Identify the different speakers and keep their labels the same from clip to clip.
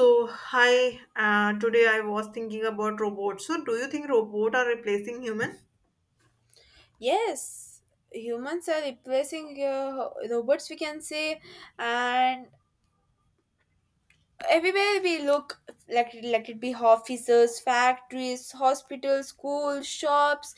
Speaker 1: So, hi, today I was thinking about robots. So, do you think robots are replacing human?
Speaker 2: Yes, humans are replacing robots, we can say, and everywhere we look, like let it be offices, factories, hospitals, schools, shops,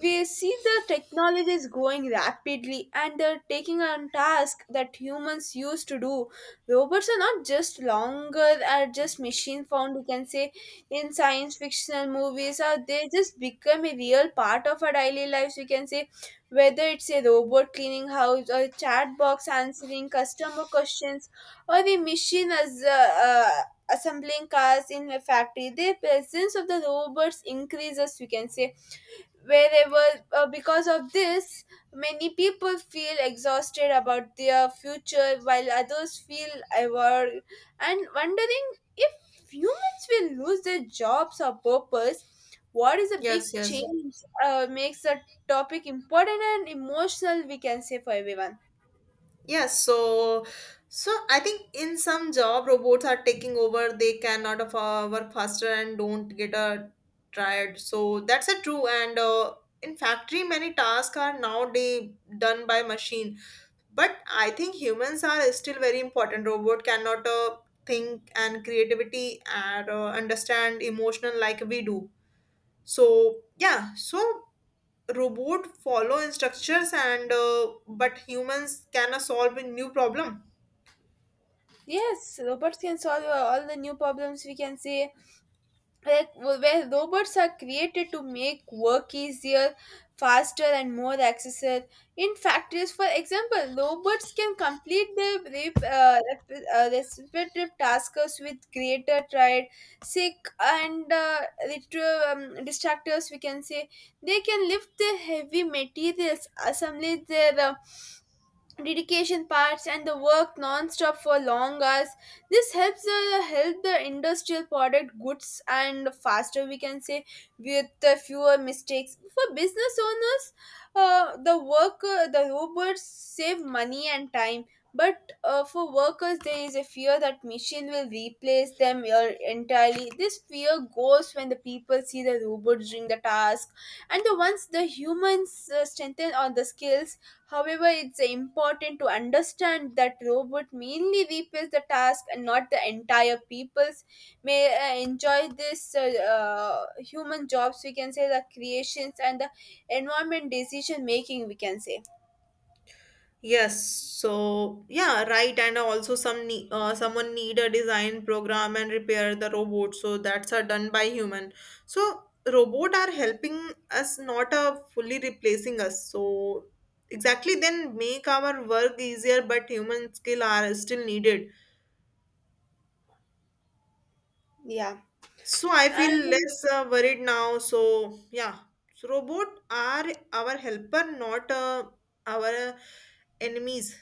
Speaker 2: we see the technology is growing rapidly and they're taking on tasks that humans used to do. Robots are not just longer are just machine found, you can say, in science fictional movies, or they just become a real part of our daily lives, you can say whether it's a robot cleaning house or a chat box answering customer questions or the machine as assembling cars in a factory, the presence of the robots increases, we can say, wherever. Because of this, many people feel exhausted about their future, while others feel aware and wondering if humans will lose their jobs or purpose, what is a big
Speaker 1: Yes, yes.
Speaker 2: change, makes a topic important and emotional, we can say, for everyone.
Speaker 1: Yes, so so I think in some job robots are taking over, they cannot work faster and don't get tired. So that's a true and in factory many tasks are nowadays done by machine. But I think humans are still very important. Robot cannot think and creativity and understand emotional like we do. So robot follow instructions and but humans can solve a new problem.
Speaker 2: Yes, robots can solve all the new problems, we can say. Like where robots are created to make work easier, faster, and more accessible. In factories, for example, robots can complete their respective tasks with greater pride. Sick and distractors, we can say, they can lift the heavy materials, assemble their dedication parts and the work non-stop for long hours. This helps help the industrial product goods and faster, we can say, with fewer mistakes for business owners. The work, the robots save money and time, but for workers there is a fear that machine will replace them entirely. This fear goes when the people see the robots doing the task and the ones the humans strengthen on the skills. However, it's important to understand that robot mainly replace the task and not the entire peoples may enjoy this human jobs, we can say, the creations and the environment decision making, we can say.
Speaker 1: Yeah, right, and also someone need a design program and repair the robot, so that's are done by human. So robot are helping us, not fully replacing us. So exactly then make our work easier, but human skill are still needed.
Speaker 2: Yeah.
Speaker 1: So I feel less worried now. So yeah, so robot are our helper, not our enemies.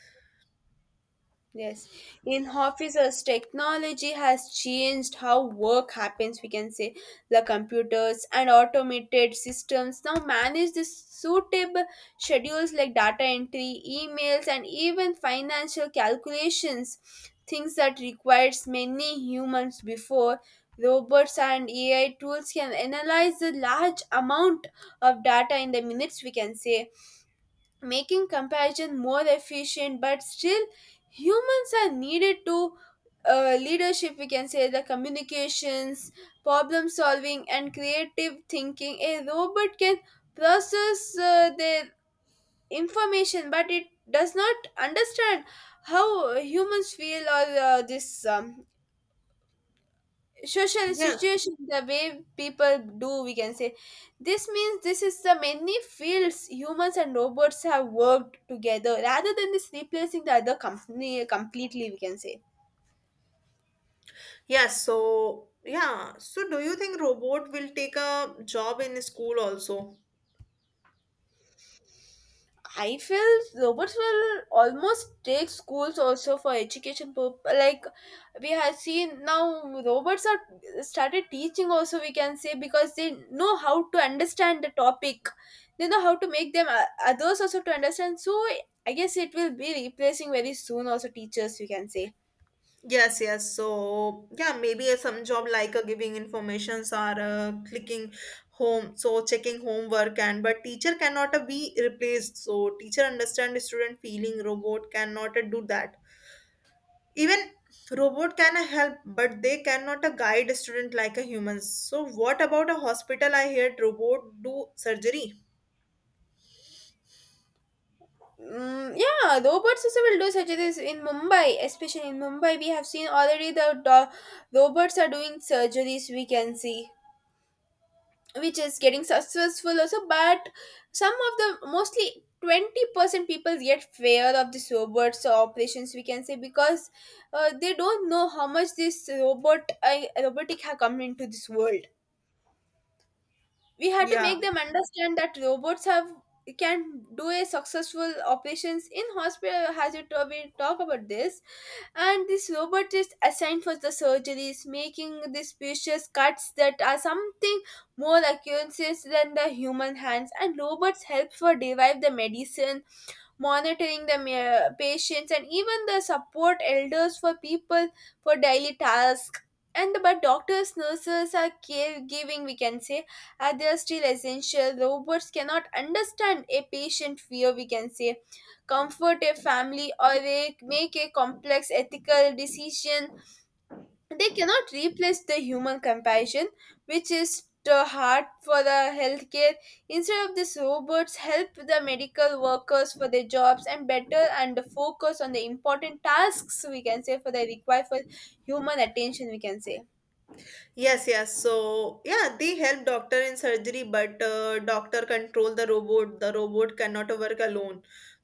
Speaker 2: Yes, in offices, technology has changed how work happens. We can say the computers and automated systems now manage the suitable schedules like data entry, emails, and even financial calculations. Things that requires many humans before. Robots and AI tools can analyze the large amount of data in the minutes. We can say, making comparison more efficient, but still humans are needed to leadership, we can say, the communications, problem solving, and creative thinking. A robot can process their information, but it does not understand how humans feel or this social
Speaker 1: Yeah.
Speaker 2: situation the way people do, we can say. This means this is the many fields humans and robots have worked together rather than this replacing the other company completely, we can say.
Speaker 1: Yeah. So yeah. So do you think robot will take a job in school also?
Speaker 2: I feel robots will almost take schools also for education purpose. Like we have seen now, robots are started teaching also. We can say because they know how to understand the topic. They know how to make them others also to understand. So I guess it will be replacing very soon also teachers. We can say.
Speaker 1: Yes. Yes. So yeah, maybe some job like giving informations or clicking home, so checking homework, and but teacher cannot be replaced. So teacher understand the student feeling, robot cannot do that. Even robot can help, but they cannot a guide a student like a human. So what about a hospital? I heard robot do surgery.
Speaker 2: Mm, yeah, robots also will do such things in Mumbai, especially in Mumbai. We have seen already robots are doing surgeries. We can see, which is getting successful also, but some of the mostly 20% people get fear of these robots or operations, we can say, because they don't know how much this robot, robotic have come into this world. We had to
Speaker 1: Yeah.
Speaker 2: make them understand that robots have can do a successful operations in hospital hazard to we talk about this, and this robot is assigned for the surgeries making these precious cuts that are something more accuracies than the human hands, and robots help for derive the medicine, monitoring the patients and even the support elders for people for daily tasks. And but doctors, nurses are caregiving, we can say. They are still essential. Robots cannot understand a patient fear, we can say, comfort a family, or they make a complex ethical decision. They cannot replace the human compassion, which is the heart for the healthcare. Instead of this, robots help the medical workers for their jobs and better and focus on the important tasks, we can say, for the require for human attention, we can say.
Speaker 1: Yes, yes, so yeah, they help doctor in surgery, but doctor control the robot, the robot cannot work alone.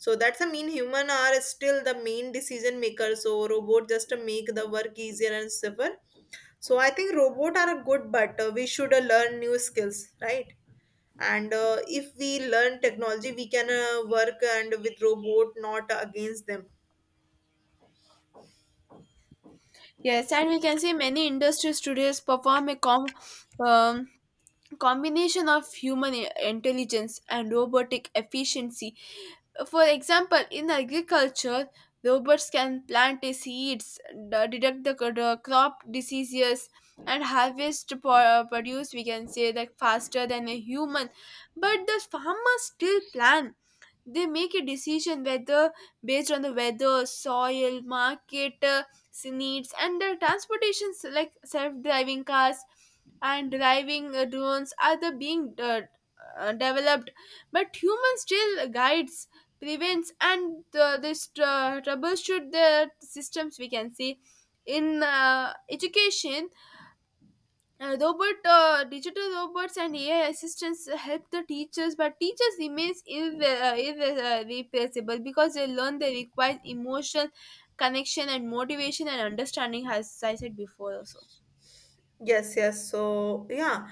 Speaker 1: So that's a mean human are still the main decision maker, so robot just to make the work easier and safer. So I think robot are a good, but we should learn new skills, right? And if we learn technology, we can work and with robot, not against them.
Speaker 2: Yes, and we can see many industries today perform a um, combination of human intelligence and robotic efficiency. For example, in agriculture, robots can plant the seeds, detect the crop diseases, and harvest produce, we can say, that faster than a human. But the farmers still plan, they make a decision whether based on the weather, soil, market needs, and the transportations like self-driving cars and driving drones are the being developed, but humans still guides, prevents, and this troubleshoot the systems, we can see. In education, robot, digital robots and AI assistants help the teachers, but teachers remains irreplaceable because they learn they require emotion, connection, and motivation and understanding, as I said before also.
Speaker 1: Yes, yes, so yeah.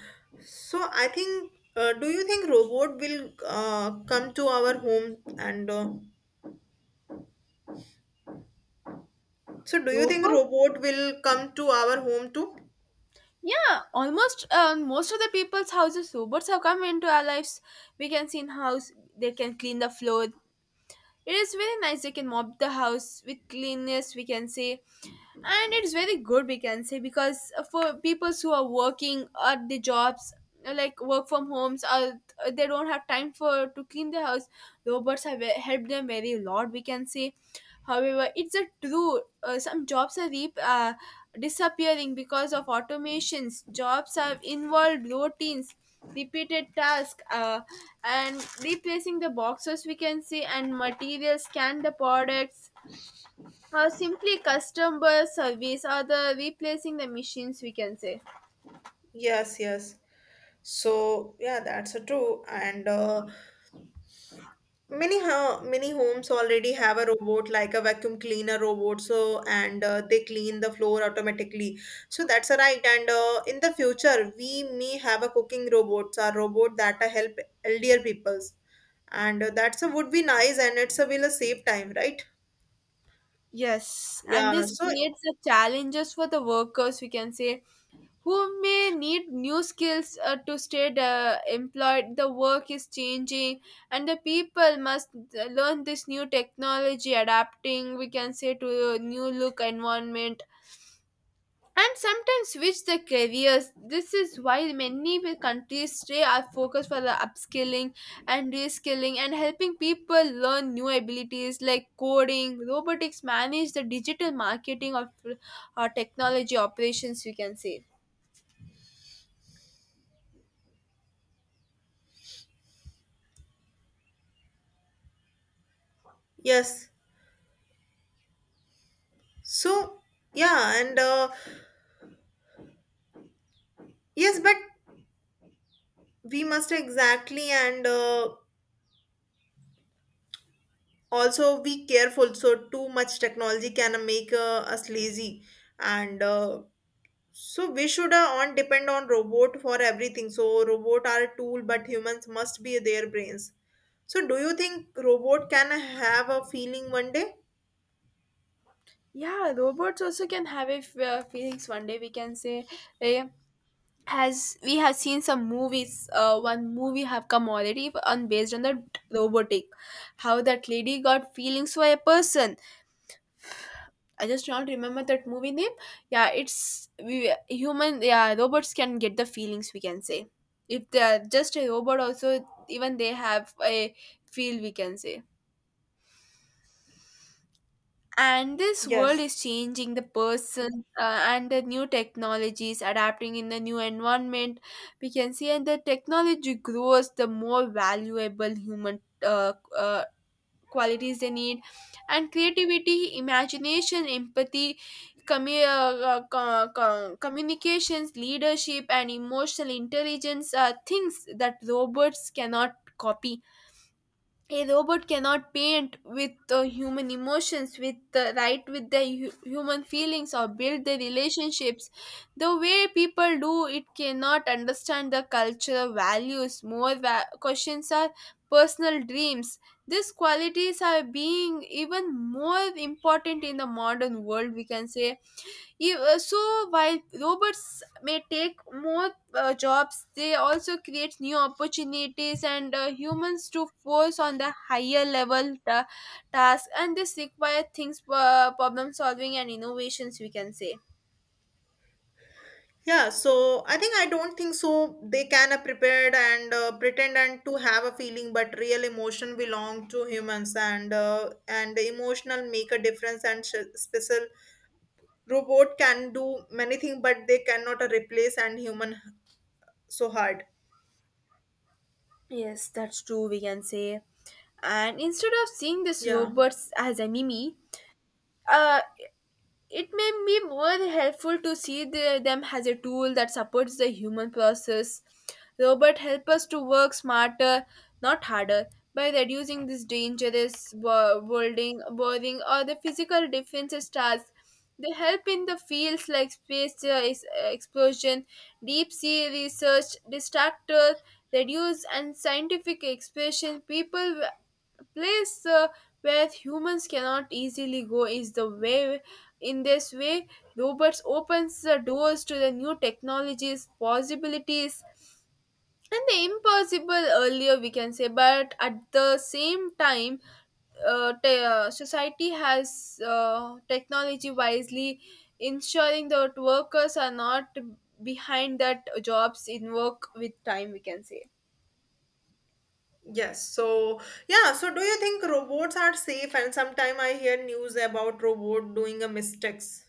Speaker 1: So I think do you think robot will come to our home and so do you think
Speaker 2: Robot.
Speaker 1: robot will come to our home too?
Speaker 2: Yeah, almost most of the people's houses robots have come into our lives. We can see in house they can clean the floor. It is very nice. They can mop the house with cleanness. We can say, and it's very good, we can say, because for people who are working at the jobs, like work from homes, or they don't have time for to clean the house, robots have helped them very lot, we can say. However, it's a true, some jobs are disappearing because of automations. Jobs have involved routines, repeated tasks, and replacing the boxes, we can say, and materials scan the products, simply customer service, or the replacing the machines, we can say.
Speaker 1: Yes, yes, so yeah, that's a true, and many homes already have a robot like a vacuum cleaner robot, so and they clean the floor automatically. So that's a right, and in the future we may have a cooking robots, a robot that help elder peoples, and that's a would be nice, and it's a will a save time, right?
Speaker 2: Yes, and
Speaker 1: Yeah.
Speaker 2: this
Speaker 1: So
Speaker 2: creates the challenges for the workers, we can say, who may need new skills to stay employed. The work is changing and the people must learn this new technology adapting, we can say, to a new look environment, and sometimes switch their careers. This is why many countries stay are focused for the upskilling and reskilling and helping people learn new abilities like coding, robotics, manage the digital marketing, or technology operations, we can say.
Speaker 1: yes, so yeah and yes, but we must exactly and also be careful, so too much technology can make us lazy, and so we should on depend on robot for everything. So robot are a tool, but humans must be their brains. So do you think robot can have a feeling one day?
Speaker 2: Yeah, robots also can have a feelings one day, we can say. eh, as we have seen some movies, one movie have come already on based on the robotic, how that lady got feelings for a person. I just don't remember that movie name. Yeah, it's we human. Yeah, robots can get the feelings. We can say, if they are just a robot, also even they have a feel. We can say. And this world
Speaker 1: Yes.
Speaker 2: is changing the person and the new technologies adapting in the new environment. We can see, and the technology grows, the more valuable human qualities they need, and creativity, imagination, empathy, communications, leadership, and emotional intelligence are things that robots cannot copy. A robot cannot paint with human emotions with the right, with the human feelings, or build the relationships the way people do. It cannot understand the cultural values, more questions are personal dreams. These qualities are being even more important in the modern world, we can say. So while robots may take more jobs, they also create new opportunities and humans to force on the higher level tasks. And this require things, problem solving and innovations. We can say.
Speaker 1: Yeah, so I think I don't think so, they can prepared and pretend and to have a feeling, but real emotion belong to humans, and emotional make a difference and special. Robot can do many things, but they cannot replace and human, so hard.
Speaker 2: Yes, that's true. We can say, and instead of seeing this
Speaker 1: Yeah.
Speaker 2: robots as enemy, uh, it may be more helpful to see them as a tool that supports the human process. Robot help us to work smarter, not harder, by reducing this dangerous worlding, boring, or the physical defenses tasks. They help in the fields like space, explosion, deep sea research, distractor, reduce, and scientific expression. People place where humans cannot easily go is the way, in this way, robots opens the doors to the new technologies possibilities and the impossible earlier, we can say. But at the same time, society has technology wisely, ensuring that workers are not behind that jobs in work with time, we can say.
Speaker 1: Yes, so yeah, so do you think robots are safe? And sometime I hear news about robot doing a mistakes.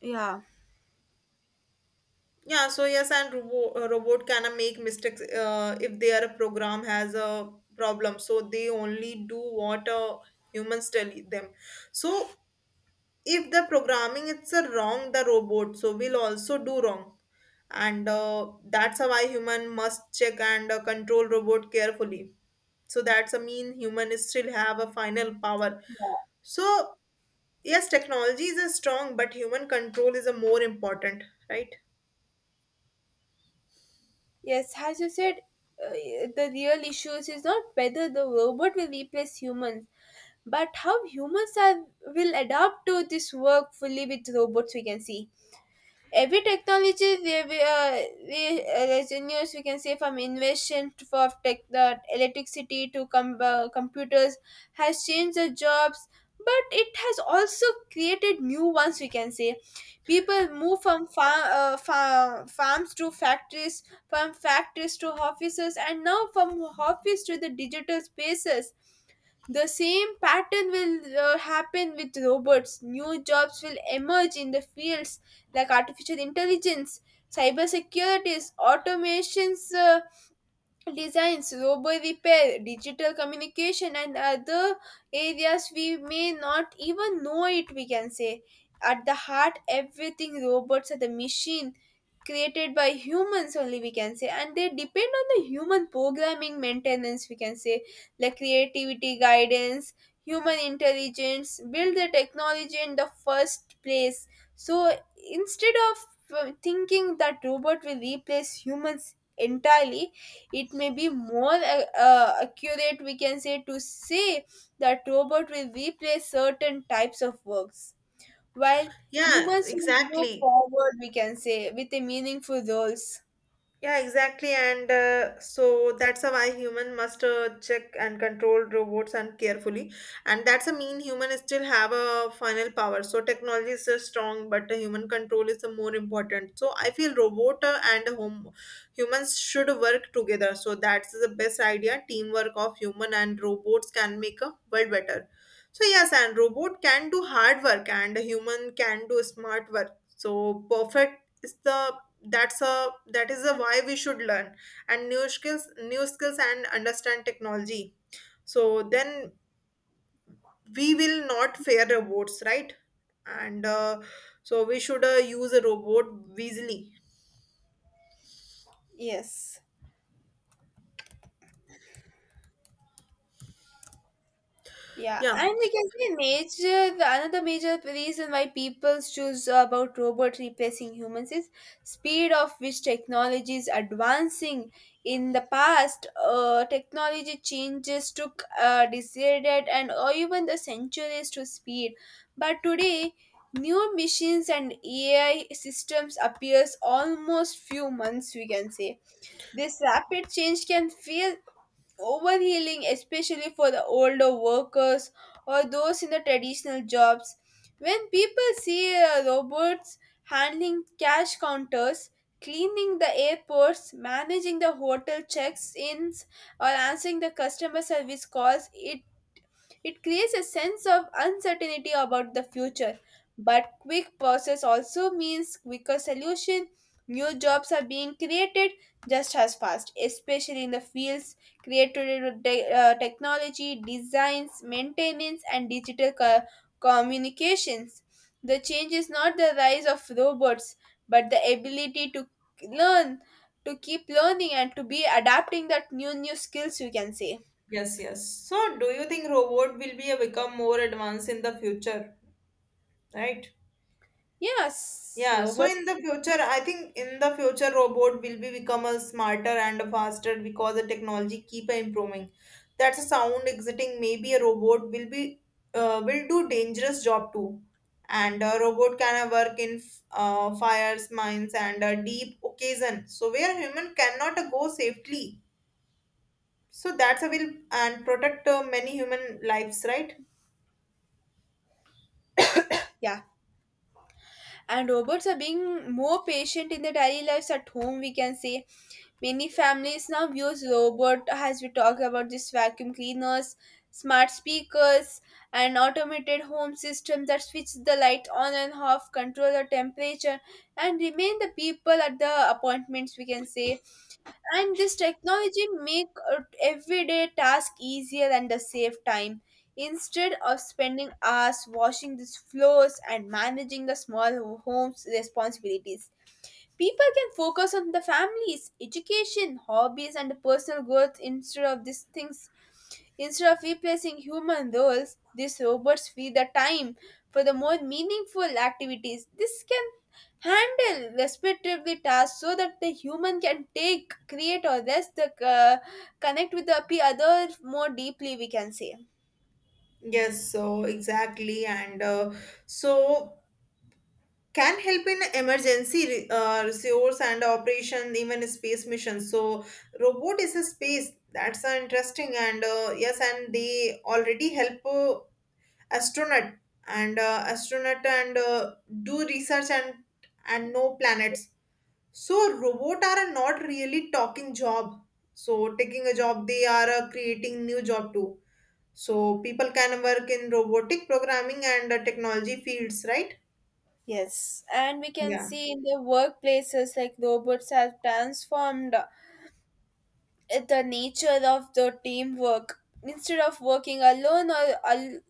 Speaker 2: Yeah.
Speaker 1: Yeah. So yes, and robot can make mistakes if their program has a problem. So they only do what humans tell them. So if the programming it's a wrong, the robot so will also do wrong, and that's why human must check and control robot carefully. So that's a mean human is still have a final power. So yes, technology is a strong, but human control is a more important, right?
Speaker 2: Yes, as you said, uh, the real issues is not whether the robot will replace humans, but how humans are will adapt to this work fully with robots. We can see. Every technology we as in news, we can say, from invention for tech, the electricity to computers has changed the jobs, but it has also created new ones, we can say. People move from farms to factories, from factories to offices, and now from office to the digital spaces. The same pattern will happen with robots. New jobs will emerge in the fields like artificial intelligence, cybersecurity, automations, designs, robo repair, digital communication, and other areas we may not even know it, we can say. At the heart, everything robots are the machine created by humans only, we can say, and they depend on the human programming maintenance, we can say, like creativity, guidance, human intelligence, build the technology in the first place. So instead of thinking that robot will replace humans entirely, it may be more accurate we can say to say that robot will replace certain types of works while
Speaker 1: Yeah,
Speaker 2: humans will move
Speaker 1: exactly.
Speaker 2: forward we can say with a meaningful roles.
Speaker 1: Yeah, exactly. And so that's a why human must check and control robots and carefully. And that's a mean human still have a final power. So technology is strong, but the human control is the more important. So I feel robot and home humans should work together. So that's the best idea. Teamwork of human and robots can make a world better. So yes, and robot can do hard work and human can do smart work. So perfect is the that's a that is a why we should learn and new skills and understand technology. So then we will not fear robots, right? And so we should use a robot wisely.
Speaker 2: Yes. Yeah,
Speaker 1: Yeah.
Speaker 2: and we can say major the another major reason why people choose about robots replacing humans is speed of which technology is advancing. In the past, technology changes took decided and or even the centuries to speed, but today new machines and AI systems appears almost few months we can say. This rapid change can feel overhealing, especially for the older workers or those in the traditional jobs. When people see robots handling cash counters, cleaning the airports, managing the hotel checks ins, or answering the customer service calls, it creates a sense of uncertainty about the future, but quick process also means quicker solution. New jobs are being created just as fast, especially in the fields created with technology, designs, maintenance, and digital communications. The change is not the rise of robots, but the ability to learn, to keep learning, and to be adapting that new skills. You can say
Speaker 1: Yes, yes. So do you think robot will be become more advanced in the future, right?
Speaker 2: yes,
Speaker 1: Yeah, so in
Speaker 2: robots.
Speaker 1: the future, I think in the future robot will be become a smarter and faster because the technology keep improving. That's a sound exiting. Maybe a robot will be will do dangerous job too, and a robot can work in fires, mines, and a deep occasion. So where human cannot go safely. So that's a will and protect many human lives, right?
Speaker 2: Yeah. And robots are being more patient in their daily lives at home, we can say. Many families now use robot as we talk about this vacuum cleaners, smart speakers, and automated home systems that switch the light on and off, control the temperature, and remain the people at the appointments, we can say, and this technology make everyday task easier and the save time instead of spending hours washing these floors and managing the small home's responsibilities. People can focus on the families education hobbies and personal growth instead of these things. Instead of replacing human roles, these robots free the time for the more meaningful activities. This can handle respectively tasks so that the human can take, create, or rest the connect with the other more deeply. We can say.
Speaker 1: Yes, so exactly, and so can help in emergency resource and operation, even space missions. So robot is a space, that's interesting, and yes, and they already help astronaut astronaut and do research and know planets. So robot are not really talking job so taking a job, they are creating new job too. So people can work in robotic programming and technology fields, right?
Speaker 2: Yes, and we can
Speaker 1: Yeah.
Speaker 2: see in the workplaces like robots have transformed the nature of the teamwork. Instead of working alone or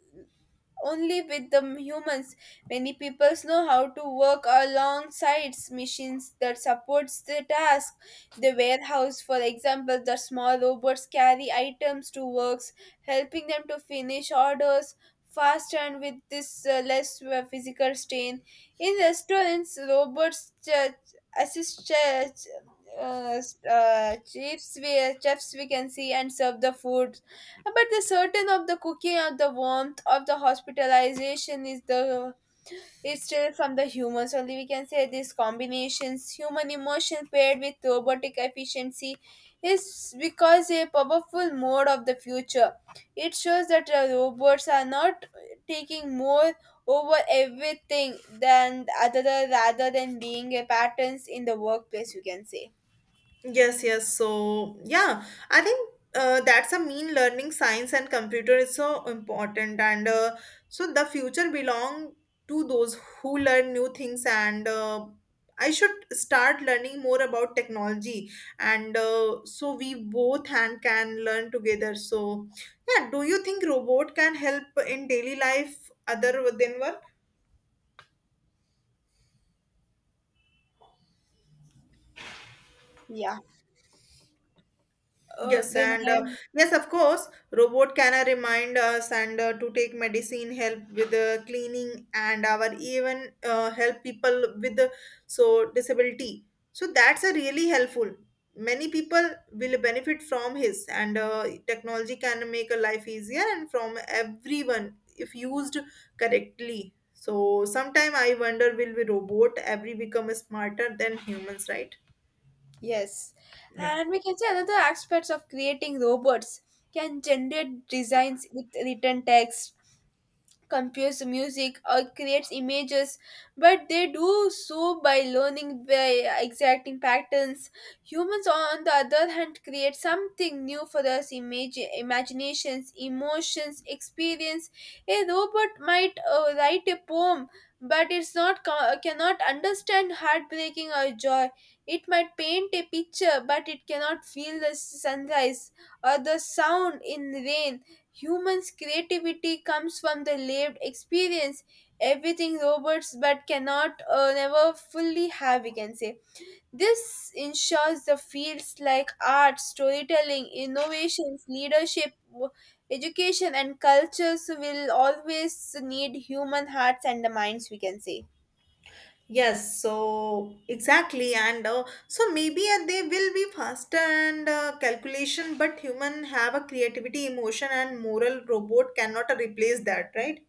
Speaker 2: only with the humans. Many peoples know how to work alongside machines that supports the task. The warehouse, for example, the small robots carry items to works, helping them to finish orders faster and with this less physical strain. In restaurants, robots assist uh, chefs we can see and serve the food, but the certain of the cooking of the warmth of the hospitalization is the is still from the humans. Only we can say these combinations, human emotion paired with robotic efficiency, is because a powerful mode of the future. It shows that robots are not taking more over everything than other rather than being a patterns in the workplace. You can say,
Speaker 1: Yes, yes, so yeah, I think that's a mean learning science and computer is so important. And so the future belong to those who learn new things. And I should start learning more about technology. And so we both and can learn together. So yeah, do you think robot can help in daily life other than work?
Speaker 2: yeah,
Speaker 1: Yes,
Speaker 2: they
Speaker 1: and
Speaker 2: may.
Speaker 1: yes, of course, robot can remind us and to take medicine, help with cleaning, and our even help people with so disability. So that's a really helpful. Many people will benefit from his, and technology can make a life easier and from everyone if used correctly. So sometime I wonder, will we robot every become smarter than humans, right?
Speaker 2: Yes,
Speaker 1: Yeah.
Speaker 2: and we can say another aspects of creating robots can generate designs with written text, compose music or creates images, but they do so by learning by exacting patterns. Humans on the other hand create something new for us image imaginations emotions experience. A robot might write a poem, but it's not cannot understand heartbreaking or joy. It might paint a picture, but it cannot feel the sunrise or the sound in rain. Humans' creativity comes from the lived experience, everything robots but cannot never fully have, we can say. This ensures the fields like art, storytelling, innovations, leadership, education, and cultures will always need human hearts and the minds, we can say.
Speaker 1: Yes, so exactly, and so maybe they will be faster and calculation, but human have a creativity, emotion, and moral. Robot cannot replace that, right?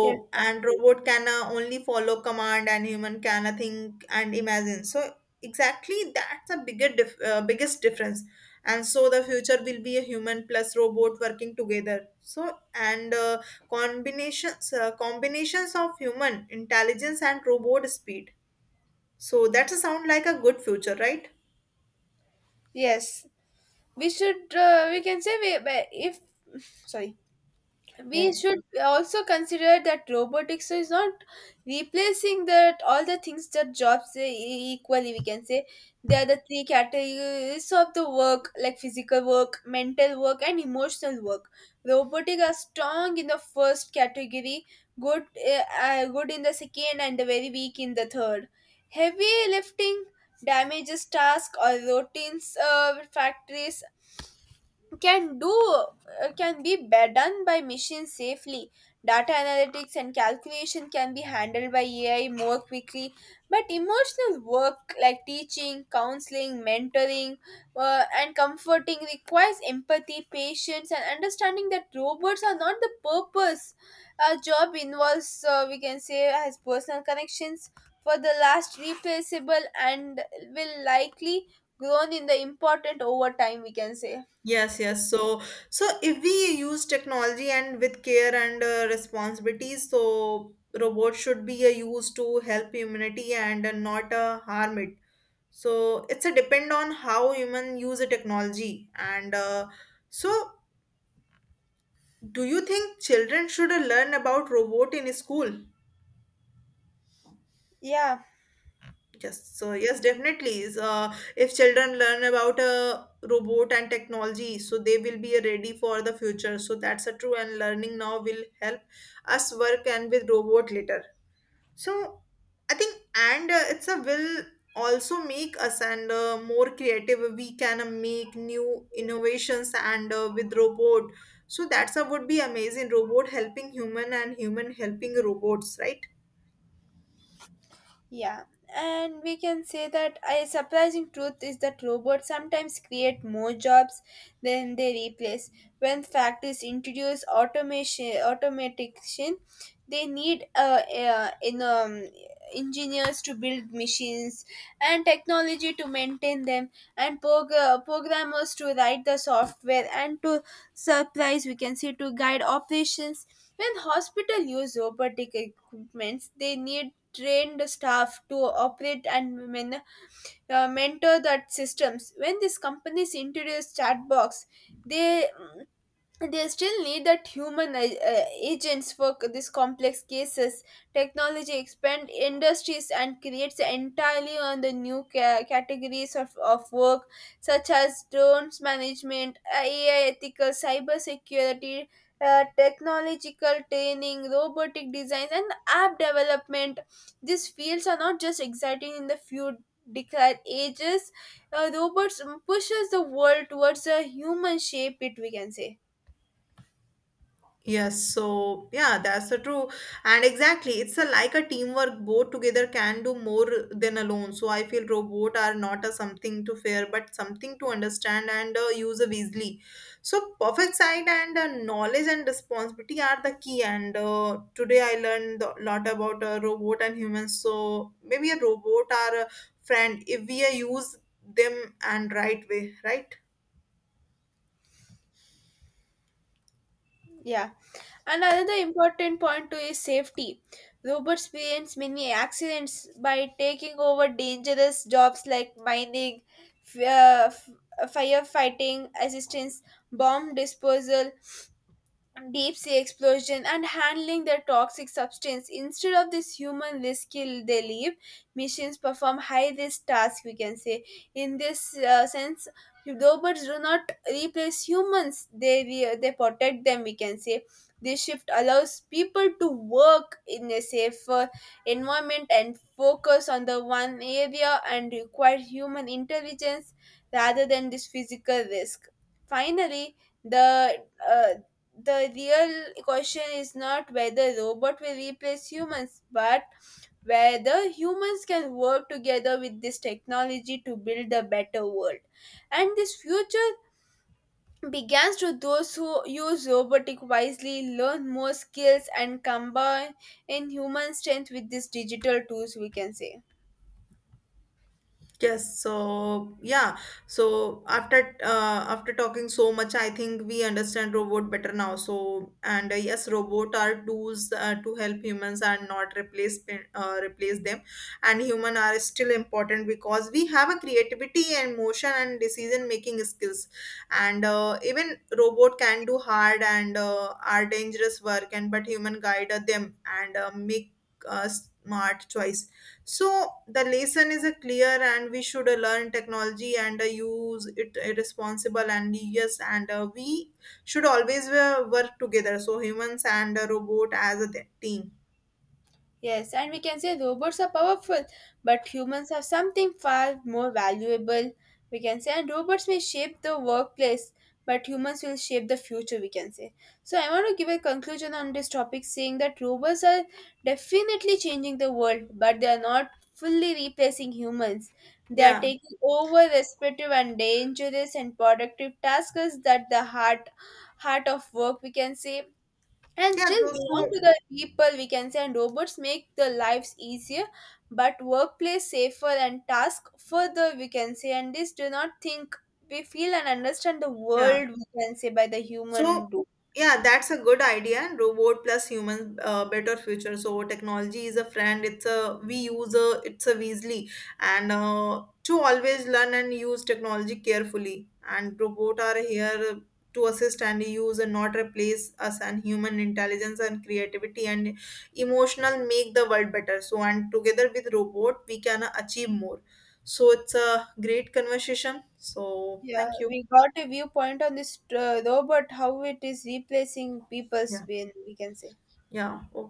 Speaker 2: Yes, that's
Speaker 1: and
Speaker 2: true.
Speaker 1: robot can only follow command, and human can think and imagine. So exactly that's a biggest difference. And so the future will be a human plus robot working together. So and combinations of human intelligence and robot speed. So that sound like a good future, right?
Speaker 2: Yes, we should, we can say, we, if, sorry,
Speaker 1: Yeah.
Speaker 2: we should also consider that robotics is not replacing that all the things that jobs equally we can say. There are the three categories of the work like physical work, mental work and emotional work. Robotic are strong in the first category, good good in the second and very weak in the third. Heavy lifting, damages task, or routines factories can do can be done by machines safely. Data analytics and calculation can be handled by AI more quickly, but emotional work like teaching counseling mentoring and comforting requires empathy patience and understanding that robots are not the purpose. Our job involves we can say has personal connections for the last replaceable and will likely grown in the important over time we can say.
Speaker 1: Yes, yes. So, so if we use technology and with care and responsibilities, so robots should be used to help humanity and not harm it. So it's a depend on how human use the technology. And so do you think children should learn about robot in school?
Speaker 2: Yeah.
Speaker 1: Yes, so yes, definitely. So if children learn about robot and technology, so they will be ready for the future. So that's a true, and learning now will help us work and with robot later. So I think, and it's a will also make us and more creative. We can make new innovations and with robot. So that's a would be amazing, robot helping human and human helping robots, right?
Speaker 2: Yeah, and we can say that a surprising truth is that robots sometimes create more jobs than they replace. When factories introduce automation, they need engineers to build machines and technology to maintain them, and programmers to write the software and to supplies we can say to guide operations. When hospital use robotic equipments, they need trained staff to operate and mentor that systems. When these companies introduce chatbots, they they still need that human agents for these complex cases. Technology expand industries and creates entirely on the new categories of work, such as drones management, AI ethical cyber security, technological training, robotic designs and app development. These fields are not just exciting in the few declared ages. Robots pushes the world towards a human shape it we can say.
Speaker 1: Yes, so yeah, that's the true. And exactly, it's a, like a teamwork. Both together can do more than alone. So I feel robot are not a something to fear, but something to understand and use of easily. So perfect sight and knowledge and responsibility are the key. And today I learned a lot about robot and humans. So maybe a robot are a friend if we use them and right way, right?
Speaker 2: Yeah, and another important point too is safety. Robots prevents many accidents by taking over dangerous jobs like mining, firefighting, assistance, bomb disposal, deep sea explosion and handling their toxic substance instead of this human risk kill they leave. Machines perform high risk tasks we can say in this sense. Robots do not replace humans, they protect them we can say. This shift allows people to work in a safer environment and focus on the one area and require human intelligence rather than this physical risk. Finally, the uh, the real question is not whether robot will replace humans, but whether humans can work together with this technology to build a better world, and this future begins to those who use robotic wisely learn more skills and combine in human strength with these digital tools we can say.
Speaker 1: Yes, so yeah, so after after talking so much, I think we understand robot better now. So and yes, robot are tools to help humans and not replace replace them. And human are still important because we have a creativity and motion and decision making skills. And even robot can do hard and are dangerous work, and but human guide them and make uh, smart choice. So the lesson is a clear, and we should learn technology and use it responsible. And yes, and we should always work together. So humans and a robot as a team.
Speaker 2: Yes, and we can say robots are powerful, but humans have something far more valuable. We can say, and robots may shape the workplace, but humans will shape the future. We can say. So I want to give a conclusion on this topic, saying that robots are definitely changing the world, but they are not fully replacing humans. They are
Speaker 1: Yeah,
Speaker 2: taking over respective and dangerous and productive tasks that the heart of work we can say and
Speaker 1: yeah.
Speaker 2: still
Speaker 1: Those
Speaker 2: belong to
Speaker 1: so
Speaker 2: the people, we can say, and robots make the lives easier, but workplace safer and task further, we can say, and this do not think we feel and understand the
Speaker 1: yeah.
Speaker 2: world, we can say, by the
Speaker 1: So
Speaker 2: human do.
Speaker 1: yeah, that's a good idea. Robot plus human, better future. So technology is a friend. It's a we use a it's a Weasley, and to always learn and use technology carefully. And robot are here to assist and use and not replace us. And human intelligence and creativity and emotional make the world better. So and together with robot, we can achieve more. So it's a great conversation. So
Speaker 2: Yeah,
Speaker 1: thank you.
Speaker 2: we got a viewpoint on this robot, how it is replacing people's
Speaker 1: Yeah,
Speaker 2: brain, we can say.
Speaker 1: yeah. Okay.